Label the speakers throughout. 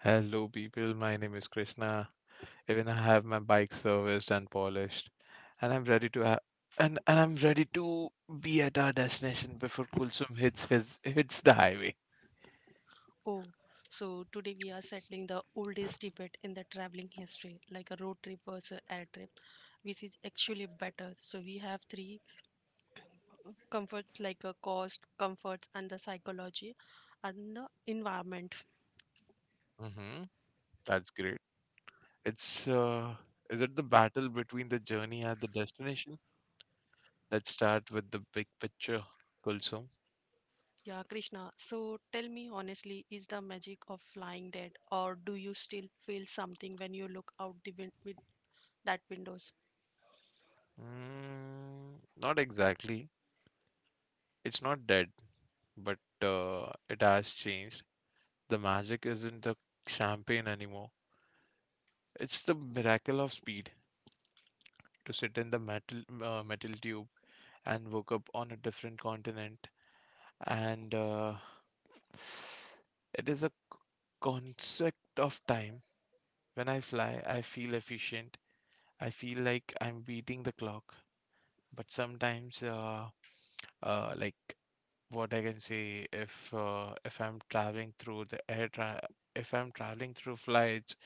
Speaker 1: Hello, people. My name is Krishna. Even I have my bike serviced and polished, and I'm ready to ha- and I'm ready to be at our destination before Kulsum hits the highway.
Speaker 2: Oh, so today we are settling the oldest debate in the traveling history, like a road trip versus air trip, which is actually better. So we have three comforts like a cost, comfort, and the psychology and the environment.
Speaker 1: hmm That's great. It's Is it the battle between the journey and the destination? Let's start with the big picture, Kulsum.
Speaker 2: Yeah, Krishna. So tell me honestly, is the magic of flying dead, or do you still feel something when you look out the win- with that windows?
Speaker 1: Mm, not exactly. It's not dead, but it has changed. The magic isn't the champagne anymore. It's the miracle of speed to sit in the metal tube and woke up on a different continent. And It is a concept of time. When I fly, I feel efficient. I feel like I'm beating the clock. But sometimes, uh, like what I can say, if I'm traveling through the if I'm traveling through flights,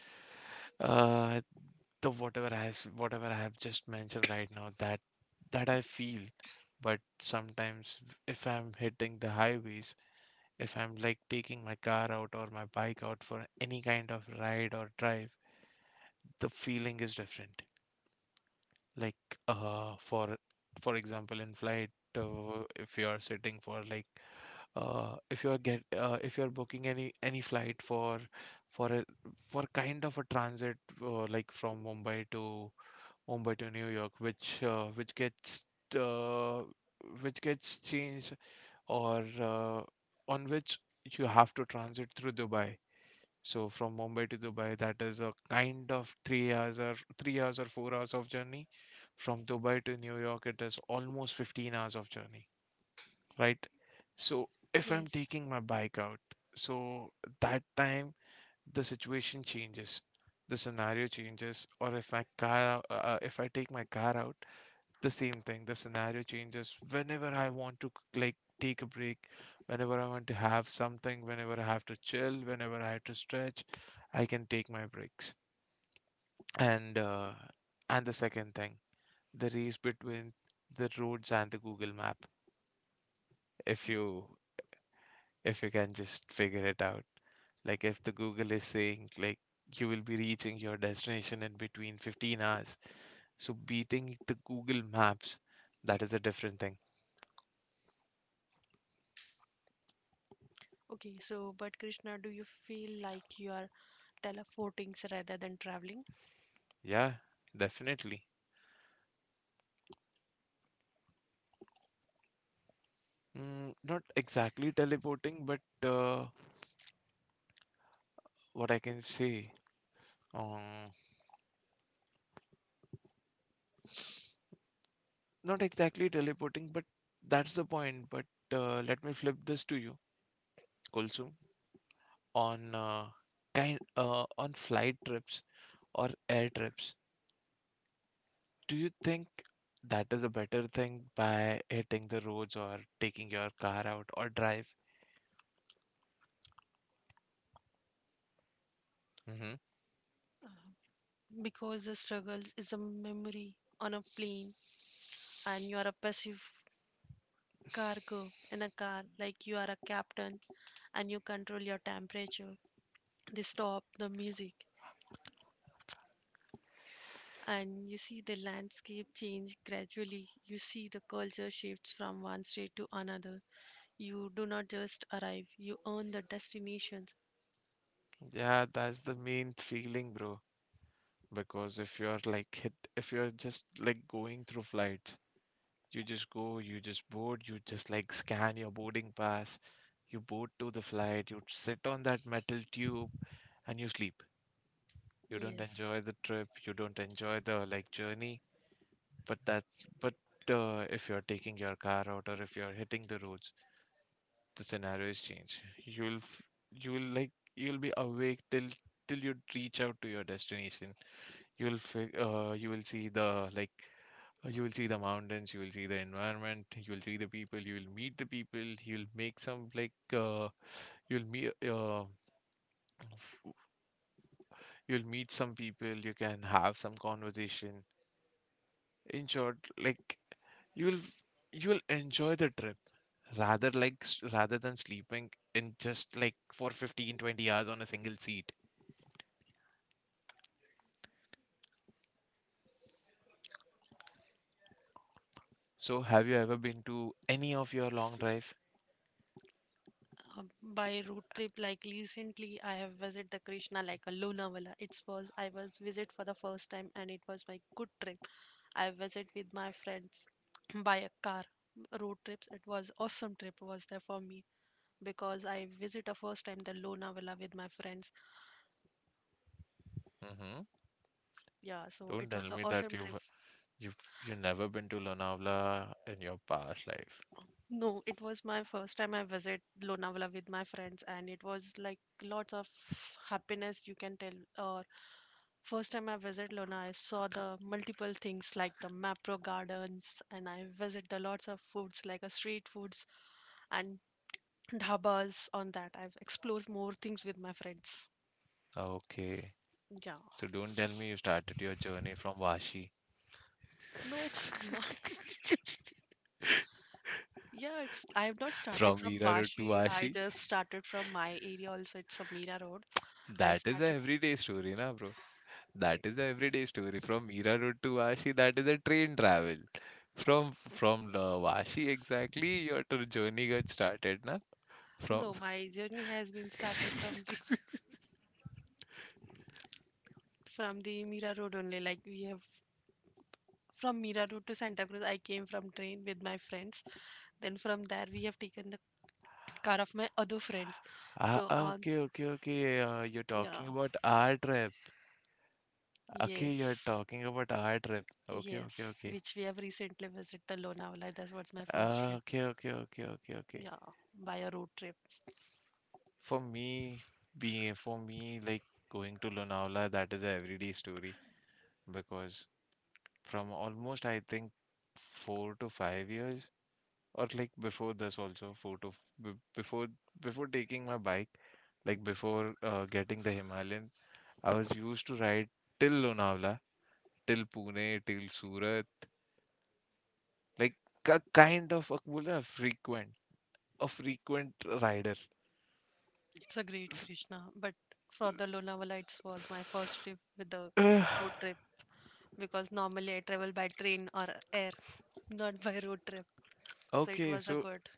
Speaker 1: uh, the whatever I have just mentioned right now that I feel. But sometimes if I'm hitting the highways, if I'm like taking my car out or my bike out for any kind of ride or drive, the feeling is different. Like uh for for example in flight if you are sitting for if you are booking any flight for a for kind of a transit like from Mumbai to New York, uh, which gets changed or on which you have to transit through Dubai. So from Mumbai to Dubai, that is a kind of 3 hours or 3 hours or 4 hours of journey. From Dubai to New York, it is almost 15 hours of journey, right? So if I'm
Speaker 2: Yes.
Speaker 1: taking my bike out, so that time the situation changes, the scenario changes, or if my car, if I take my car out, the same thing. The scenario changes whenever I want to like take a break, whenever I want to have something, whenever I have to chill, whenever I have to stretch, I can take my breaks. And uh, and the second thing, the race between the roads and the Google map. If you if you can just figure it out, like if the Google is saying like you will be reaching your destination in between 15 hours, so beating the Google maps, that is a different thing.
Speaker 2: Okay, so but Krishna, do you feel like you are teleporting rather than traveling?
Speaker 1: Yeah, definitely. Mm, not exactly teleporting, but uh, what I can say, um, not exactly teleporting, but that's the point. But let me flip this to you, Kulsum, on uh, on flight trips or air trips. Do you think that is a better thing by hitting the roads or taking your car out or drive? hmm
Speaker 2: Because the struggles is a memory on a plane and you are a passive cargo in a car, like you are a captain and you control your temperature. They stop the music and you see the landscape change gradually. You see the culture shifts from one state to another. You do not just arrive, you earn the destinations.
Speaker 1: Yeah, that's the main feeling, bro. Because if you're just like going through flights. You just go, you just board, you just like scan your boarding pass, you board to the flight, you sit on that metal tube and you sleep. You don't
Speaker 2: Yes.
Speaker 1: enjoy the trip, you don't enjoy the like journey, but that's but if you're taking your car out or if you're hitting the roads, the scenario is changed. You'll f- you'll like you'll be awake till you reach out to your destination. You will see the like You will see the mountains, you will see the environment, you will see the people, you will meet the people, you'll meet you'll meet some people, you can have some conversation. In short, like you'll you'll enjoy the trip rather than sleeping in just like for 15, 20 hours on a single seat. So have you ever been to any of your long drive?
Speaker 2: uh, by road trip, like recently I have visited the Krishna, like a Lunavala. It was, I was visit for the first time and it was my good trip. I visit with my friends by a car, road trips. It was awesome trip was there for me because I visit a first time the Lunavala with my friends.
Speaker 1: Mm-hmm.
Speaker 2: Yeah, so
Speaker 1: Don't
Speaker 2: it
Speaker 1: tell
Speaker 2: was an
Speaker 1: me that
Speaker 2: awesome trip.
Speaker 1: you've you've never been to Lonavala in your past life.
Speaker 2: No, it was my first time I visit Lonavala with my friends, and it was like lots of happiness you can tell. Or first time I visit Lona, I saw the multiple things like the Mapro Gardens, and I visit the lots of foods like a street foods and dhabas. On that, I've explored more things with my friends.
Speaker 1: Okay.
Speaker 2: Yeah,
Speaker 1: So don't tell me you started your journey from Vashi.
Speaker 2: no, it's not. Yeah, it's. I have not started
Speaker 1: From
Speaker 2: from
Speaker 1: Mira Road to
Speaker 2: Vashi. I
Speaker 1: Vashi.
Speaker 2: just started from my area also. It's Samira Road. I have
Speaker 1: That is a
Speaker 2: started
Speaker 1: everyday story, na bro. That is a everyday story. From Mira Road to Vashi, that is a train travel. From Vashi exactly, your tour journey got started, na? From
Speaker 2: No, my journey has been started from the from the Mira Road only. Like we have from Mira Road to Santa Cruz, I came from train with my friends. Then from there we have taken the car of my other friends.
Speaker 1: ah,
Speaker 2: So
Speaker 1: ah,
Speaker 2: on
Speaker 1: okay, okay, okay. You're
Speaker 2: Yeah,
Speaker 1: talking about our trip. Okay, you're
Speaker 2: yes.
Speaker 1: talking about our trip. Okay, okay,
Speaker 2: Yes,
Speaker 1: okay.
Speaker 2: which we have recently visited the Lonavala. That was my first trip.
Speaker 1: Okay, okay, okay, okay, okay.
Speaker 2: Yeah, by a road trip.
Speaker 1: For me, being for me, like going to Lonavala, that is a everyday story because from almost I think 4 to 5 years or like before this also four to f- b- before before taking my bike like before getting the Himalayan I was used to ride till Lonavala till Pune till Surat like a kind of a, बोलते हैं ना, frequent a frequent rider
Speaker 2: It's a great
Speaker 1: S-
Speaker 2: Krishna, but for the Lonavala, it was my first trip with the
Speaker 1: uh,
Speaker 2: road trip because normally I travel by train or air, not by road trip. So it
Speaker 1: okay
Speaker 2: was a
Speaker 1: so
Speaker 2: good.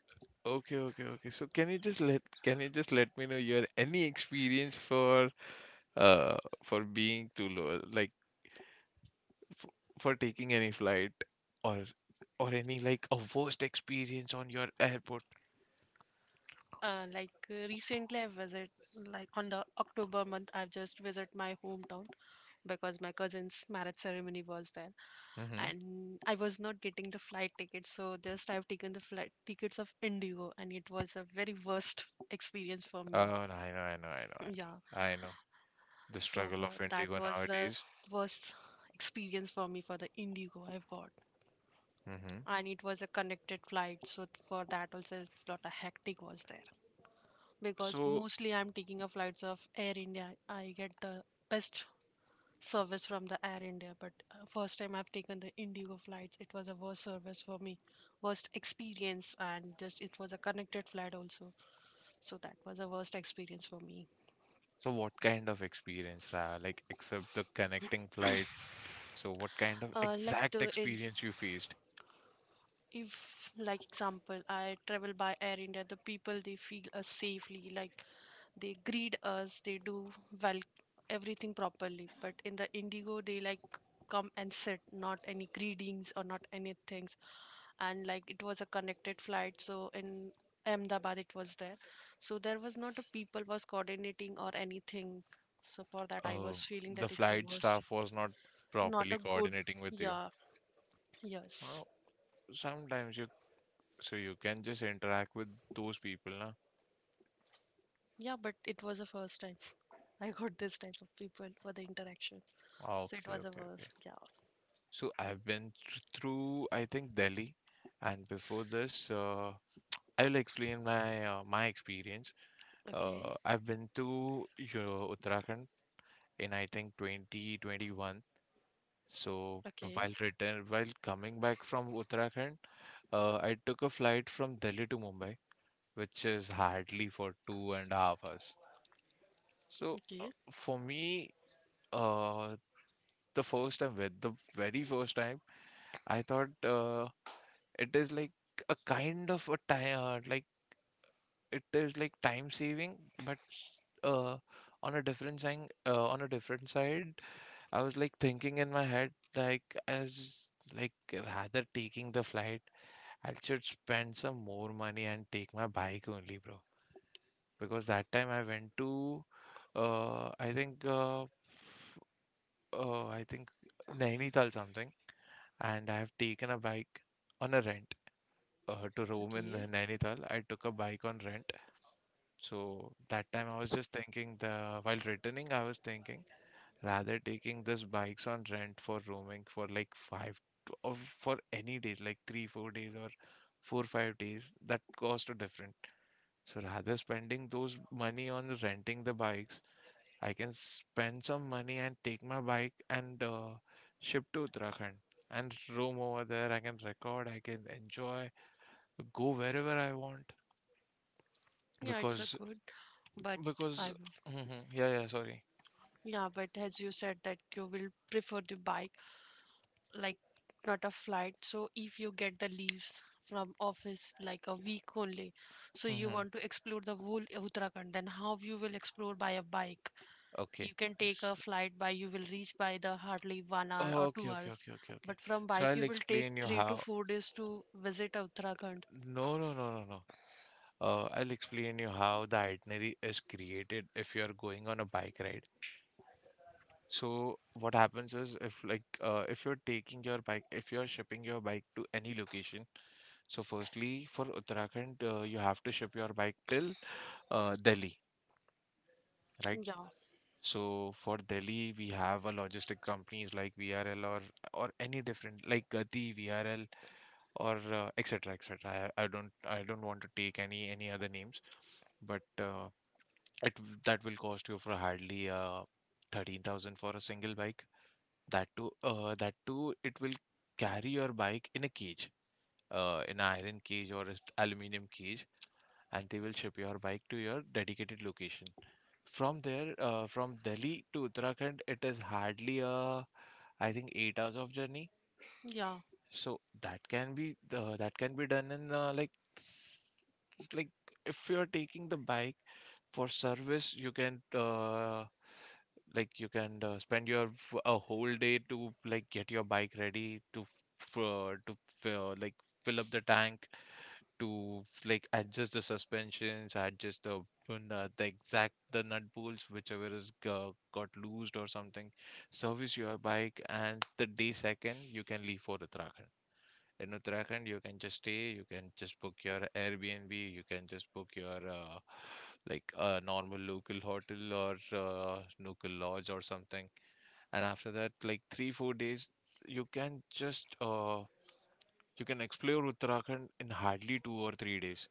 Speaker 1: okay okay okay so can you just let me know your any experience uh for being too low like f- for taking any flight or or any like a worst experience on your airport.
Speaker 2: Like recently, I visit like on the October month. I've just visit my hometown because my cousin's marriage ceremony was there,
Speaker 1: Mm-hmm.
Speaker 2: and I was not getting the flight ticket. So just I've taken the flight tickets of Indigo, and it was a very worst experience for
Speaker 1: Oh,
Speaker 2: me.
Speaker 1: no, I know, I know, I know, I
Speaker 2: Yeah.
Speaker 1: know. I know the
Speaker 2: So
Speaker 1: struggle
Speaker 2: far,
Speaker 1: of
Speaker 2: that
Speaker 1: Indigo
Speaker 2: was the
Speaker 1: nowadays.
Speaker 2: worst experience for me for the Indigo I've got.
Speaker 1: Mm-hmm.
Speaker 2: And it was a connected flight, so for that also it's not a hectic was there. Because
Speaker 1: So,
Speaker 2: mostly I'm taking a flights of Air India. I get the best service from the Air India, but first time I've taken the Indigo flights, it was a worst service for me, worst experience, and just it was a connected flight also. So that was a worst experience for me.
Speaker 1: so what kind of experience, Ra? Like, except the connecting flight. So, what kind of
Speaker 2: Like
Speaker 1: exact
Speaker 2: the it,
Speaker 1: experience you faced?
Speaker 2: if like example I travel by Air India, the people, they feel us safely, like they greet us, they do well everything properly. But in the Indigo, they like come and sit, not any greetings or not anything. And like it was a connected flight, so in Ahmedabad it was there. So there was not a people was coordinating or anything. So for that I
Speaker 1: Uh,
Speaker 2: was feeling
Speaker 1: the
Speaker 2: that it's a
Speaker 1: flight
Speaker 2: worst,
Speaker 1: staff was not
Speaker 2: not
Speaker 1: properly
Speaker 2: a good.
Speaker 1: coordinating with you.
Speaker 2: Yeah, yes.
Speaker 1: Well, sometimes you, so you can just interact with those people, na?
Speaker 2: Yeah, but it was the first time I got this type of people for the interaction.
Speaker 1: Ah,
Speaker 2: So it
Speaker 1: okay,
Speaker 2: was a
Speaker 1: okay, okay.
Speaker 2: first. Yeah.
Speaker 1: So I've through, I think, Delhi, and before this, I'll explain my experience.
Speaker 2: Okay.
Speaker 1: I've been to you know, Uttarakhand in I think 2021. So
Speaker 2: Okay.
Speaker 1: while return, while coming back from Uttarakhand, I took a flight from Delhi to Mumbai, which is hardly for two and a half hours. So
Speaker 2: Okay.
Speaker 1: uh, the first time, with the very first time, I thought uh, It is like a kind of a time, like it is like time saving, but uh, on a different on a different side, I was like thinking in my head, like as like rather taking the flight, I should spend some more money and take my bike only, bro. Because that time I went to, uh, I think, uh, I think Nainital something, and I have taken a bike on a rent to Rome in
Speaker 2: Okay.
Speaker 1: Nainital, I took a bike on rent. So that time I was just thinking the while returning, I was thinking rather taking this bikes on rent for roaming for like or for any days, like three, 4 days or four, 5 days, that cost are different. So rather spending those money on renting the bikes, I can spend some money and take my bike and ship to Uttarakhand and roam over there. I can record, I can enjoy, go wherever I want.
Speaker 2: Yeah, it's a
Speaker 1: Because
Speaker 2: good. But
Speaker 1: because
Speaker 2: I've
Speaker 1: hmm yeah yeah sorry
Speaker 2: yeah, but as you said that you will prefer the bike, like not a flight. So if you get the leaves from office like a week only, so you
Speaker 1: hmm
Speaker 2: want to explore the whole Uttarakhand, then how you will explore by a bike?
Speaker 1: okay
Speaker 2: You can take a
Speaker 1: S-
Speaker 2: flight, by you will reach by the hardly 1 hour or
Speaker 1: okay
Speaker 2: two
Speaker 1: okay
Speaker 2: hours
Speaker 1: okay okay okay
Speaker 2: But from
Speaker 1: so
Speaker 2: bike
Speaker 1: I'll
Speaker 2: you will take
Speaker 1: explain you
Speaker 2: three to
Speaker 1: how
Speaker 2: four days to visit Uttarakhand.
Speaker 1: no no no no no I'll explain you how the itinerary is created if you're going on a bike ride so what happens is if like if you're taking your bike if you're shipping your bike to any location so firstly for Uttarakhand you have to ship your bike till Delhi right
Speaker 2: Yeah,
Speaker 1: So for Delhi, we have a logistic companies like VRL or any different like Gati, VRL or etc. etc. I don't want to take any other names, but that will cost you for hardly 13,000 for a single bike. That too it will carry your bike in a cage, in an iron cage or an aluminum cage, and they will ship your bike to your dedicated location. From from Delhi to Uttarakhand, it is hardly a, I think 8 hours of journey.
Speaker 2: yeah.
Speaker 1: So that can be done in s- like if you're taking the bike for service, you can like you can spend a whole day to like get your bike ready to f- like fill up the tank to like adjust the suspensions, adjust the the exact the nut bolts, whichever got loosed or something. Service your bike, and the day second you can leave for Uttarakhand. In Uttarakhand, you can just stay, you can just book your Airbnb, you can just book your like a normal local hotel or local lodge or something. And after that, like 3, 4 days, you can just you can explore Uttarakhand in hardly 2 or 3 days.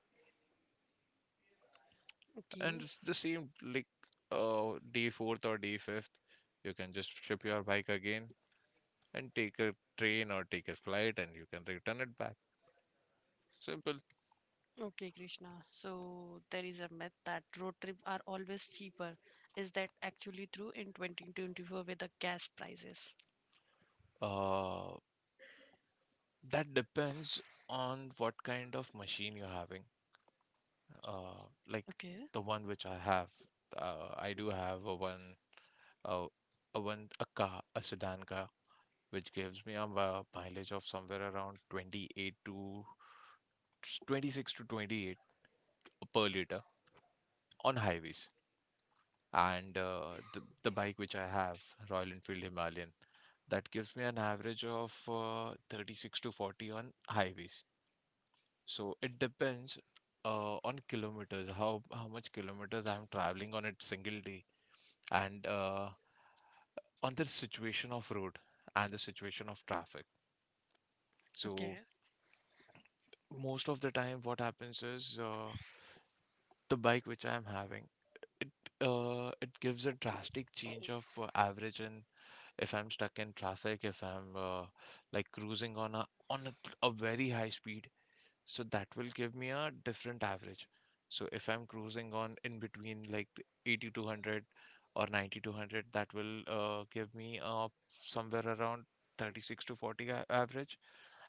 Speaker 2: Okay,
Speaker 1: And it's the same, like, day fourth or day fifth, you can just ship your bike again and take a train or take a flight, and you can return it back. Simple.
Speaker 2: okay, Krishna, so there is a myth that road trip are always cheaper. Is that actually true in 2024 with the gas prices?
Speaker 1: uh that depends on what kind of machine you're having. uh like,
Speaker 2: Okay.
Speaker 1: the one which I have, I do have a one, uh, a one, a car, a sedan car, which gives me a mileage of somewhere around 28 to 26 to 28 per liter on highways. And the bike which I have, Royal Enfield Himalayan, that gives me an average of 36 to 40 on highways. So it depends, on kilometers, how much kilometers I'm traveling on a single day, and on the situation of road and the situation of traffic.
Speaker 2: Okay,
Speaker 1: So most of the time, what happens is, the bike which I'm having, it it gives a drastic change of average in, if I'm stuck in traffic, if I'm, like cruising on a very high speed, so that will give me a different average. So if I'm cruising on in between like 80 to 100 or 90 to 100, that will, give me somewhere around 36 to 40 average.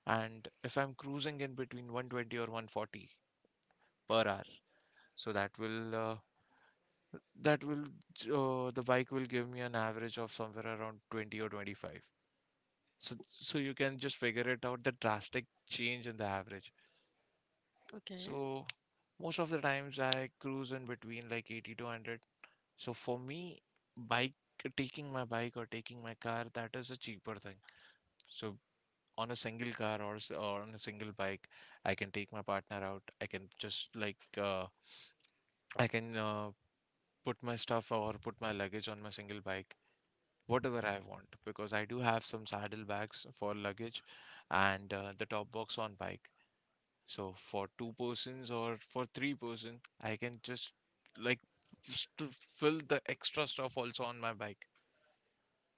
Speaker 1: And if I'm cruising in between 120 or 140 per hour, so that will the bike will give me an average of somewhere around 20 or 25. So you can just figure it out, the drastic change in the average.
Speaker 2: okay,
Speaker 1: So most of the times I cruise in between like 80 to 100. So for me, bike, taking my bike or taking my car, that is a cheaper thing. So on a single car, or on a single bike, I can take my partner out. I can put my stuff or put my luggage on my single bike, whatever I want, because I do have some saddle bags for luggage, and the top box on bike. So for two persons or for three persons, I can just, like, just to fill the extra stuff also on my bike.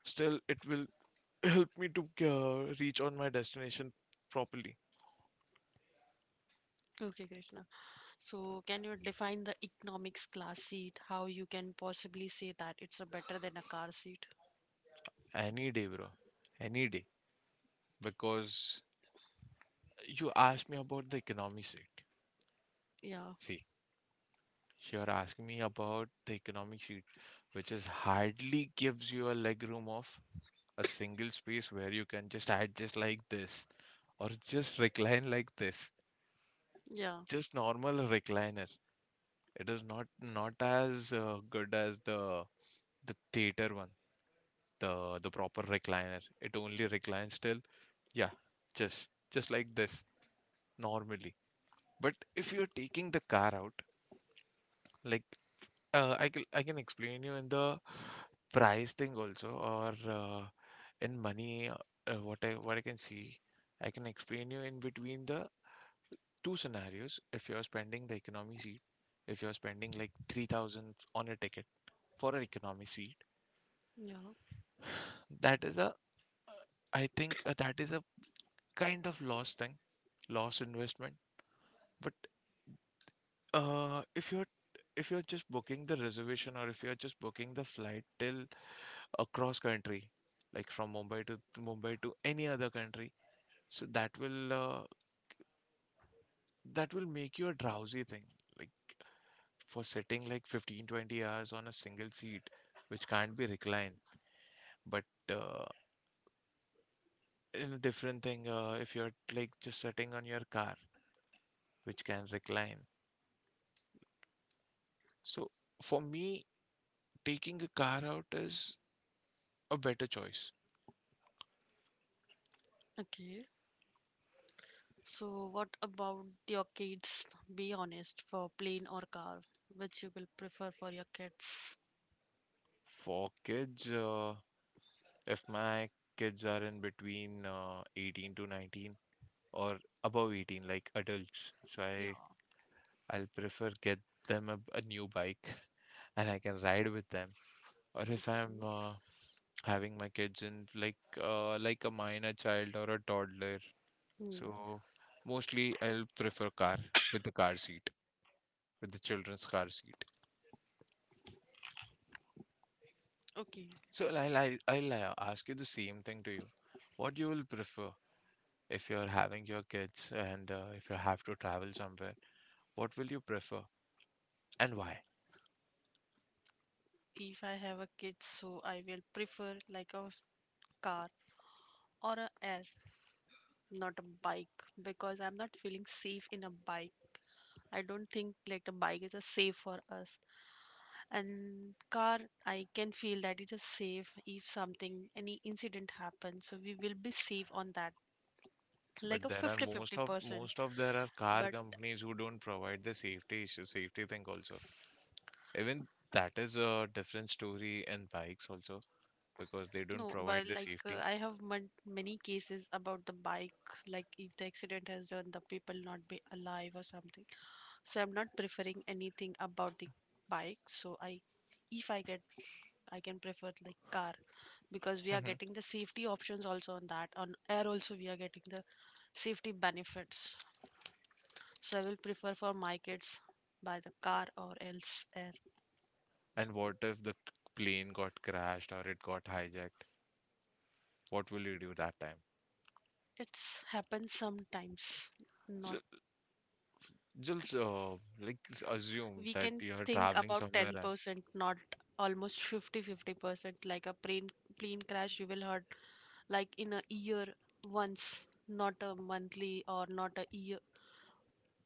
Speaker 1: Still, it will help me to reach on my destination properly.
Speaker 2: okay, Krishna, so can you define the economics class seat, how you can possibly say that it's a better than a car seat?
Speaker 1: Any day, bro. Any day. Because you asked me about the economy seat.
Speaker 2: Yeah.
Speaker 1: See, you're asking me about the economy seat, which is hardly gives you a leg room of a single space, where you can just adjust like this or just recline like this,
Speaker 2: Yeah,
Speaker 1: just normal recliner. It is not as good as the theater one, the proper recliner. It only reclines till, yeah, just like this, normally. But if you're taking the car out, like, I can explain you in the price thing also, or in money, what I can see. I can explain you in between the two scenarios. If you're spending the economy seat, if you're spending like 3,000 on a ticket for an economy seat,
Speaker 2: yeah.
Speaker 1: that is a I think, that is a kind of loss thing, loss investment. But uh if you're if you're just booking the reservation, or if you're just booking the flight till across country, like from Mumbai to any other country, so that will make you a drowsy thing, like, for sitting like 15-20 hours on a single seat, which can't be reclined. But uh, in a different thing, if you're like just sitting on your car, which can recline, so for me, taking a car out is a better choice.
Speaker 2: Okay. So, what about your kids? Be honest, for plane or car, which you will prefer for your kids?
Speaker 1: For kids, if my kids are in between, 18 to 19, or above 18, like adults, so i
Speaker 2: Yeah.
Speaker 1: i'll prefer, get them a new bike and I can ride with them. Or if I'm, having my kids in like, like a minor child or a toddler.
Speaker 2: Hmm.
Speaker 1: So mostly I'll prefer car, with the car seat, with the children's car seat.
Speaker 2: Okay.
Speaker 1: So I'll ask you the same thing to you. What you will prefer, if you're having your kids, and if you have to travel somewhere, what will you prefer and why?
Speaker 2: If I have a kid, so I will prefer like a car or a air, not a bike, because I'm not feeling safe in a bike. I don't think like the bike is a safe for us. And car, I can feel that it is safe if something, any incident happens, so we will be safe on that, like
Speaker 1: But
Speaker 2: a
Speaker 1: there are,
Speaker 2: fifty-fifty percent
Speaker 1: most of there are car
Speaker 2: But
Speaker 1: companies who don't provide the safety issue, safety thing also. Even that is a different story in bikes also, because they don't
Speaker 2: no,
Speaker 1: provide
Speaker 2: but
Speaker 1: the
Speaker 2: like
Speaker 1: safety.
Speaker 2: I have mon- many cases about the bike. Like if the accident has done, the people not be alive or something. So I'm not preferring anything about the bike. So i if i get I can prefer like car, because we are
Speaker 1: Hmm.
Speaker 2: getting the safety options also on that. On air also we are getting the safety benefits. So I will prefer for my kids by the car or else air.
Speaker 1: And what if the plane got crashed, or it got hijacked? What will you do that time?
Speaker 2: It's happens sometimes,
Speaker 1: So
Speaker 2: not.
Speaker 1: just, like, assume
Speaker 2: We
Speaker 1: that
Speaker 2: can
Speaker 1: you are
Speaker 2: think
Speaker 1: traveling
Speaker 2: about
Speaker 1: somewhere, and
Speaker 2: 10%, not almost 50-50 percent, like a plane, plane crash you will hurt, like in a year once, not a monthly or not a year,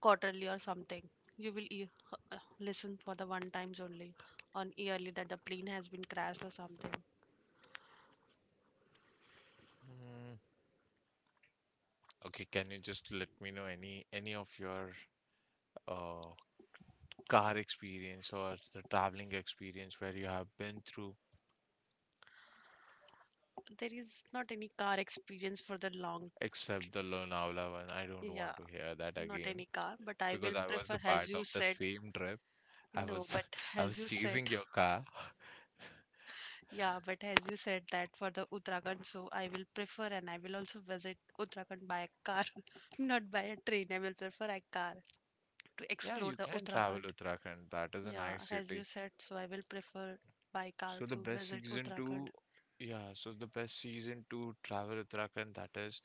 Speaker 2: quarterly or something. You will listen for the one times only on yearly that the plane has been crashed or something.
Speaker 1: Mm, okay, can you just let me know any of your uh, car experience, or the traveling experience where you have been through,
Speaker 2: There is not any car experience for the long.
Speaker 1: except the Lonavala one. I don't want
Speaker 2: Yeah,
Speaker 1: to hear that
Speaker 2: not
Speaker 1: again,
Speaker 2: any car, but I
Speaker 1: because
Speaker 2: will
Speaker 1: I was the
Speaker 2: prefer,
Speaker 1: part
Speaker 2: as
Speaker 1: of
Speaker 2: you
Speaker 1: the
Speaker 2: said,
Speaker 1: same trip. I
Speaker 2: no,
Speaker 1: was
Speaker 2: but
Speaker 1: I
Speaker 2: as
Speaker 1: was
Speaker 2: you said,
Speaker 1: chasing your car.
Speaker 2: yeah, but as you said that for the Uttarakhand, so I will prefer and I will also visit Uttarakhand by a car, not by a train. I will prefer a car to
Speaker 1: Yeah,
Speaker 2: explore
Speaker 1: you
Speaker 2: the
Speaker 1: can travel
Speaker 2: Uttarakhand.
Speaker 1: Uttarakhand. That is a
Speaker 2: Yeah,
Speaker 1: nice
Speaker 2: as
Speaker 1: city.
Speaker 2: you said, so I will prefer by
Speaker 1: So
Speaker 2: car
Speaker 1: the
Speaker 2: to
Speaker 1: best
Speaker 2: visit
Speaker 1: season
Speaker 2: Uttarakhand.
Speaker 1: to Yeah, so the best season to travel Uttarakhand, that is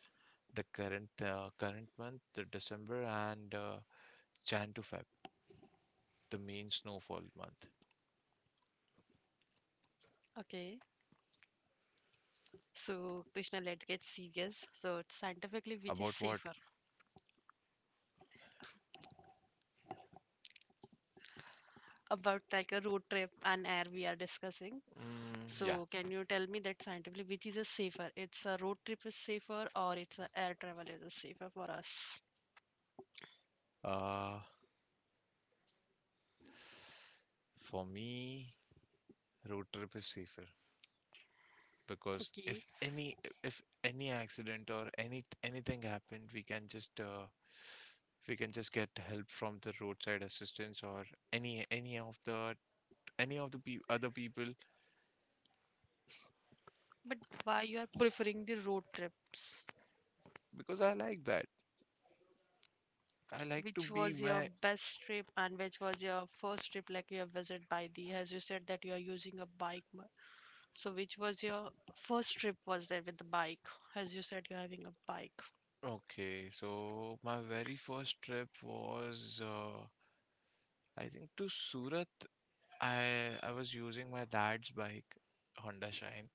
Speaker 1: the current, current month, the December, and Jan to Feb, the main snowfall month.
Speaker 2: Okay, so Krishna, let's get serious. So scientifically, which is
Speaker 1: About what?
Speaker 2: safer? About like a road trip and air, we are discussing.
Speaker 1: Mm, yeah.
Speaker 2: So can you tell me that scientifically, which is a safer? It's a road trip is safer or it's a air travel is a safer for us?
Speaker 1: Uh, for me, road trip is safer. Because
Speaker 2: Okay,
Speaker 1: if any accident or any anything happened, we can just get help from the roadside assistance, or any any of the any of the other people.
Speaker 2: but why you are preferring the road trips?
Speaker 1: Because I like that. I like to
Speaker 2: Which
Speaker 1: be
Speaker 2: was your
Speaker 1: my.
Speaker 2: best trip and which was your first trip, like you have visited by the, as you said that you are using a bike so which was your first trip was there with the bike, as you said you're having a bike?
Speaker 1: Okay. So my very first trip was, I think, to Surat. I was using my dad's bike, Honda Shine,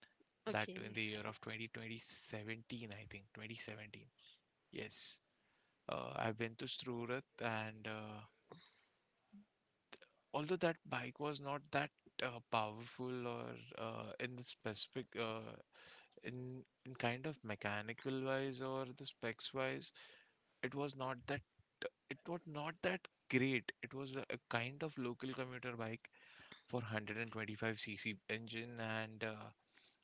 Speaker 1: that in
Speaker 2: Okay,
Speaker 1: the year of twenty twenty seventeen, I think 2017. Yes. I went been to Surat, and although that bike was not that powerful, or in the specific, in kind of mechanical wise or the specs wise, it was not that, it was not that great. It was a kind of local commuter bike for 125 cc engine, and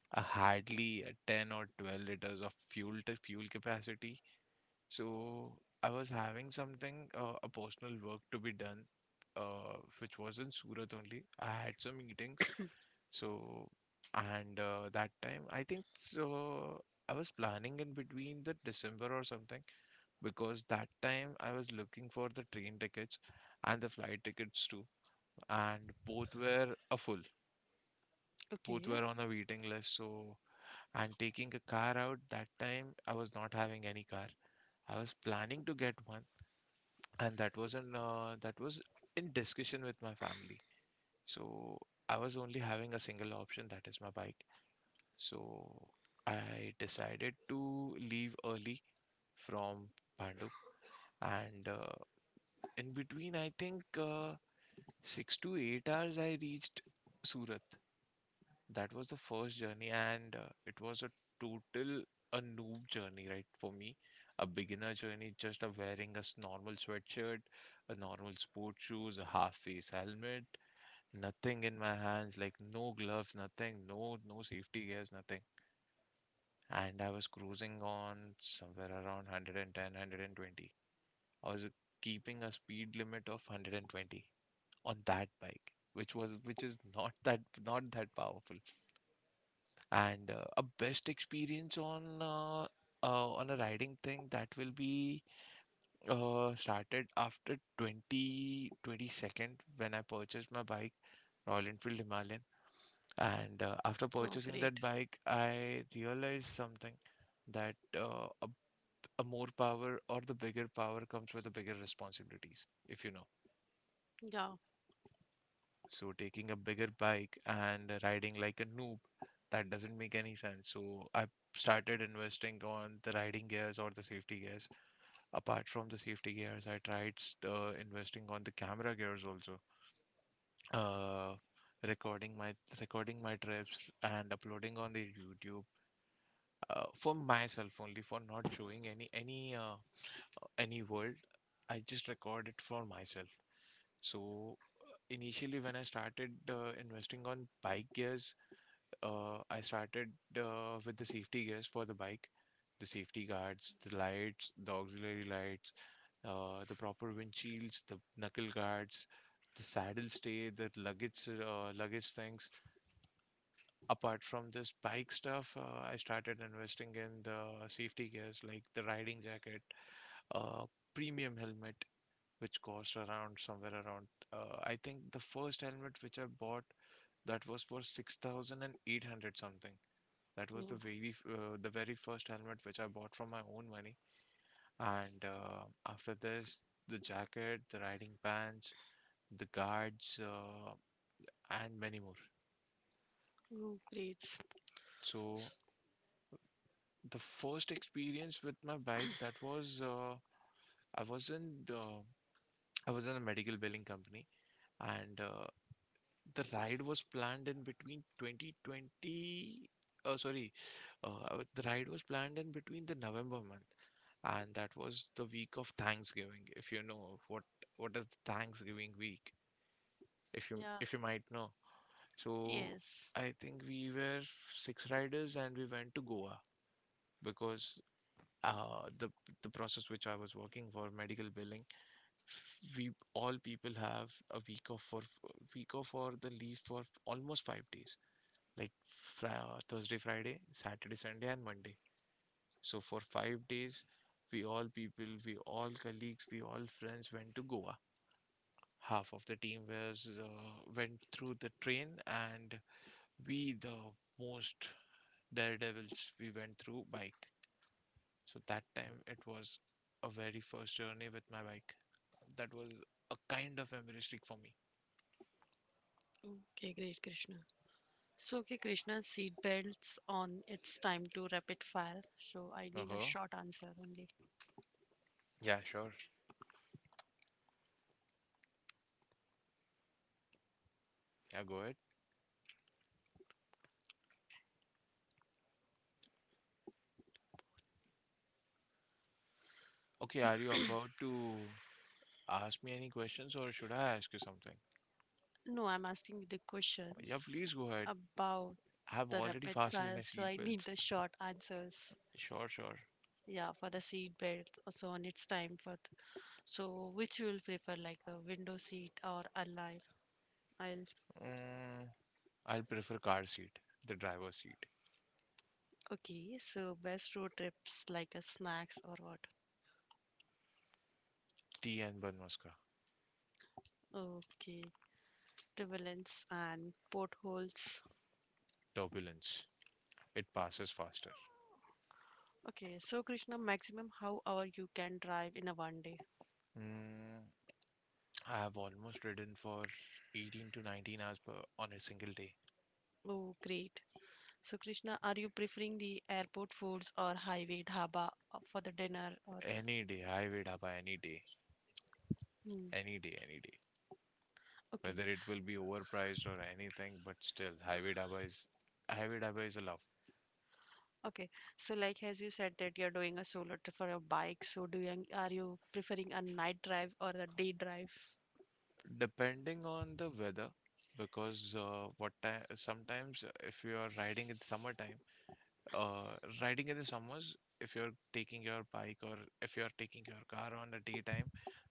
Speaker 1: a hardly a 10 or 12 liters of fuel to fuel capacity. So I was having something, a personal work to be done, which was in Surat only. I had some meetings. So, and that time, I think so, I was planning in between the December or something, because that time I was looking for the train tickets and the flight tickets too, and both were a full. Both
Speaker 2: okay.
Speaker 1: were on a waiting list. So, and taking a car out, that time I was not having any car. I was planning to get one, and that was in discussion with my family. So I was only having a single option, that is my bike. So I decided to leave early from Pandu, and in between, I think, uh, 6 to 8 hours, I reached Surat. That was the first journey, and it was a total, a noob journey, right? For me, a beginner journey, just a wearing a normal sweatshirt, a normal sports shoes, a half face helmet, nothing in my hands, like no gloves, nothing, no safety gears, nothing. And I was cruising on somewhere around 110, I was keeping a speed limit of 120 on that bike, which is not that powerful. And a best experience on, on a riding thing, that will be, started after 2022, when I purchased my bike, Royal Enfield Himalayan. And after
Speaker 2: Oh
Speaker 1: purchasing
Speaker 2: great.
Speaker 1: that bike, I realized something, that a more power, or the bigger power, comes with the bigger responsibilities, if you know.
Speaker 2: Yeah.
Speaker 1: So taking a bigger bike and riding like a noob, that doesn't make any sense. So I started investing on the riding gears or the safety gears. Apart from the safety gears, I tried, investing on the camera gears also. Uh, recording my recording my trips and uploading on the YouTube, for myself, only for not showing any world. I just record it for myself. So initially when I started, investing on bike gears, I started, with the safety gears for the bike, the safety guards, the lights, the auxiliary lights, the proper windshields, the knuckle guards, the saddle stay, the luggage things. Apart from this bike stuff, I started investing in the safety gears like the riding jacket, uh, premium helmet, which cost around, somewhere around. I think the first helmet which I bought, that was for 6,800 something. That was
Speaker 2: Oh,
Speaker 1: the the very first helmet which I bought from my own money. And after this, the jacket, the riding pants, the guards, and many more.
Speaker 2: oh, great. S-
Speaker 1: So the first experience with my bike, that was, I was in the, I was in a medical billing company, and the ride was planned in between 2020. Oh, sorry. The ride was planned in between the November month, and that was the week of Thanksgiving. If you know what is the Thanksgiving week, if you
Speaker 2: yeah,
Speaker 1: if you might know. So
Speaker 2: yes.
Speaker 1: I think we were six riders, and we went to Goa, because uh, the the process which I was working for, medical billing, we all people have a week off, for week off or the leave for almost 5 days, like fri Thursday, Friday, Saturday, Sunday, and Monday. So for 5 days, we all people, we all colleagues, we all friends went to Goa. Half of the team was, went through the train, and we, the most daredevils, we went through bike. So that time it was a very first journey with my bike. That was a kind of embarrassing for me.
Speaker 2: Okay, great, Krishna. So okay, Krishna, seat belts on, it's time to rapid fire, so I
Speaker 1: Uh
Speaker 2: need a
Speaker 1: huh.
Speaker 2: short answer only.
Speaker 1: Yeah, sure. Yeah, go ahead. Okay, are you about to, ask me any questions, or should I ask you something?
Speaker 2: No, I'm asking you the
Speaker 1: Oh,
Speaker 2: questions
Speaker 1: yeah, please go ahead.
Speaker 2: about
Speaker 1: I have
Speaker 2: the
Speaker 1: already
Speaker 2: rapid
Speaker 1: fastened
Speaker 2: fire,
Speaker 1: my
Speaker 2: so I need
Speaker 1: seatbelts.
Speaker 2: the short answers.
Speaker 1: Sure, sure.
Speaker 2: Yeah, for the seat belt, also, on its time for. Th- So, which you will prefer, like a window seat or a live? I'll.
Speaker 1: Mm, I'll prefer car seat, the driver's seat.
Speaker 2: Okay, so best road trips, like a snacks or what?
Speaker 1: Tea and bun muska.
Speaker 2: Okay, turbulence and potholes.
Speaker 1: Turbulence. It passes faster.
Speaker 2: Okay, so Krishna, maximum how hour you can drive in a 1 day?
Speaker 1: Mm, I have almost ridden for 18 to 19 hours per on a single day.
Speaker 2: Oh, great. So, Krishna, are you preferring the airport foods or highway dhaba for the dinner or?
Speaker 1: Any day, highway dhaba. Any day,
Speaker 2: Hmm.
Speaker 1: any day, any day.
Speaker 2: Okay,
Speaker 1: Whether it will be overpriced or anything, but still, highway dhaba is a love.
Speaker 2: okay. So, like as you said that you're doing a solo trip for your bike, so do you, are you preferring a night drive or a day drive?
Speaker 1: Depending on the weather, because what time sometimes, if you are riding in summertime, uh, riding in the summers, if you're taking your bike, or if you're taking your car on a daytime,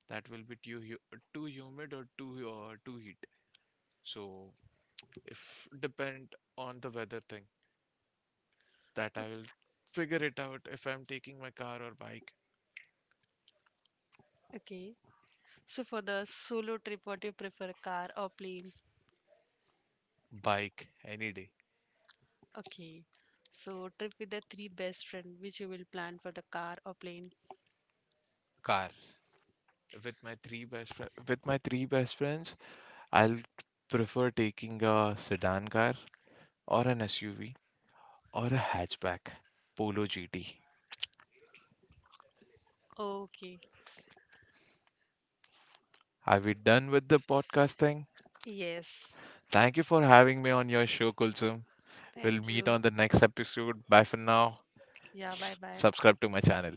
Speaker 1: that will be too humid, or too, too heat. So if depend on the weather thing, that I will figure it out if I'm taking my car or bike.
Speaker 2: O- Okay. So for the solo trip, what do you prefer, car or plane?
Speaker 1: Bike any day.
Speaker 2: Okay. So trip with the three best friend, which you will plan for the car or plane?
Speaker 1: Car. With my three best fri with my three best friends, I'll prefer taking a sedan car, or an SUV, or a hatchback, Polo GT.
Speaker 2: Okay.
Speaker 1: Are we done with the podcast thing?
Speaker 2: Yes.
Speaker 1: Thank you for having me on your show, Kulsum. We'll
Speaker 2: Thank
Speaker 1: meet
Speaker 2: you.
Speaker 1: on the next episode. Bye for now.
Speaker 2: Yeah. Bye bye.
Speaker 1: Subscribe to my channel.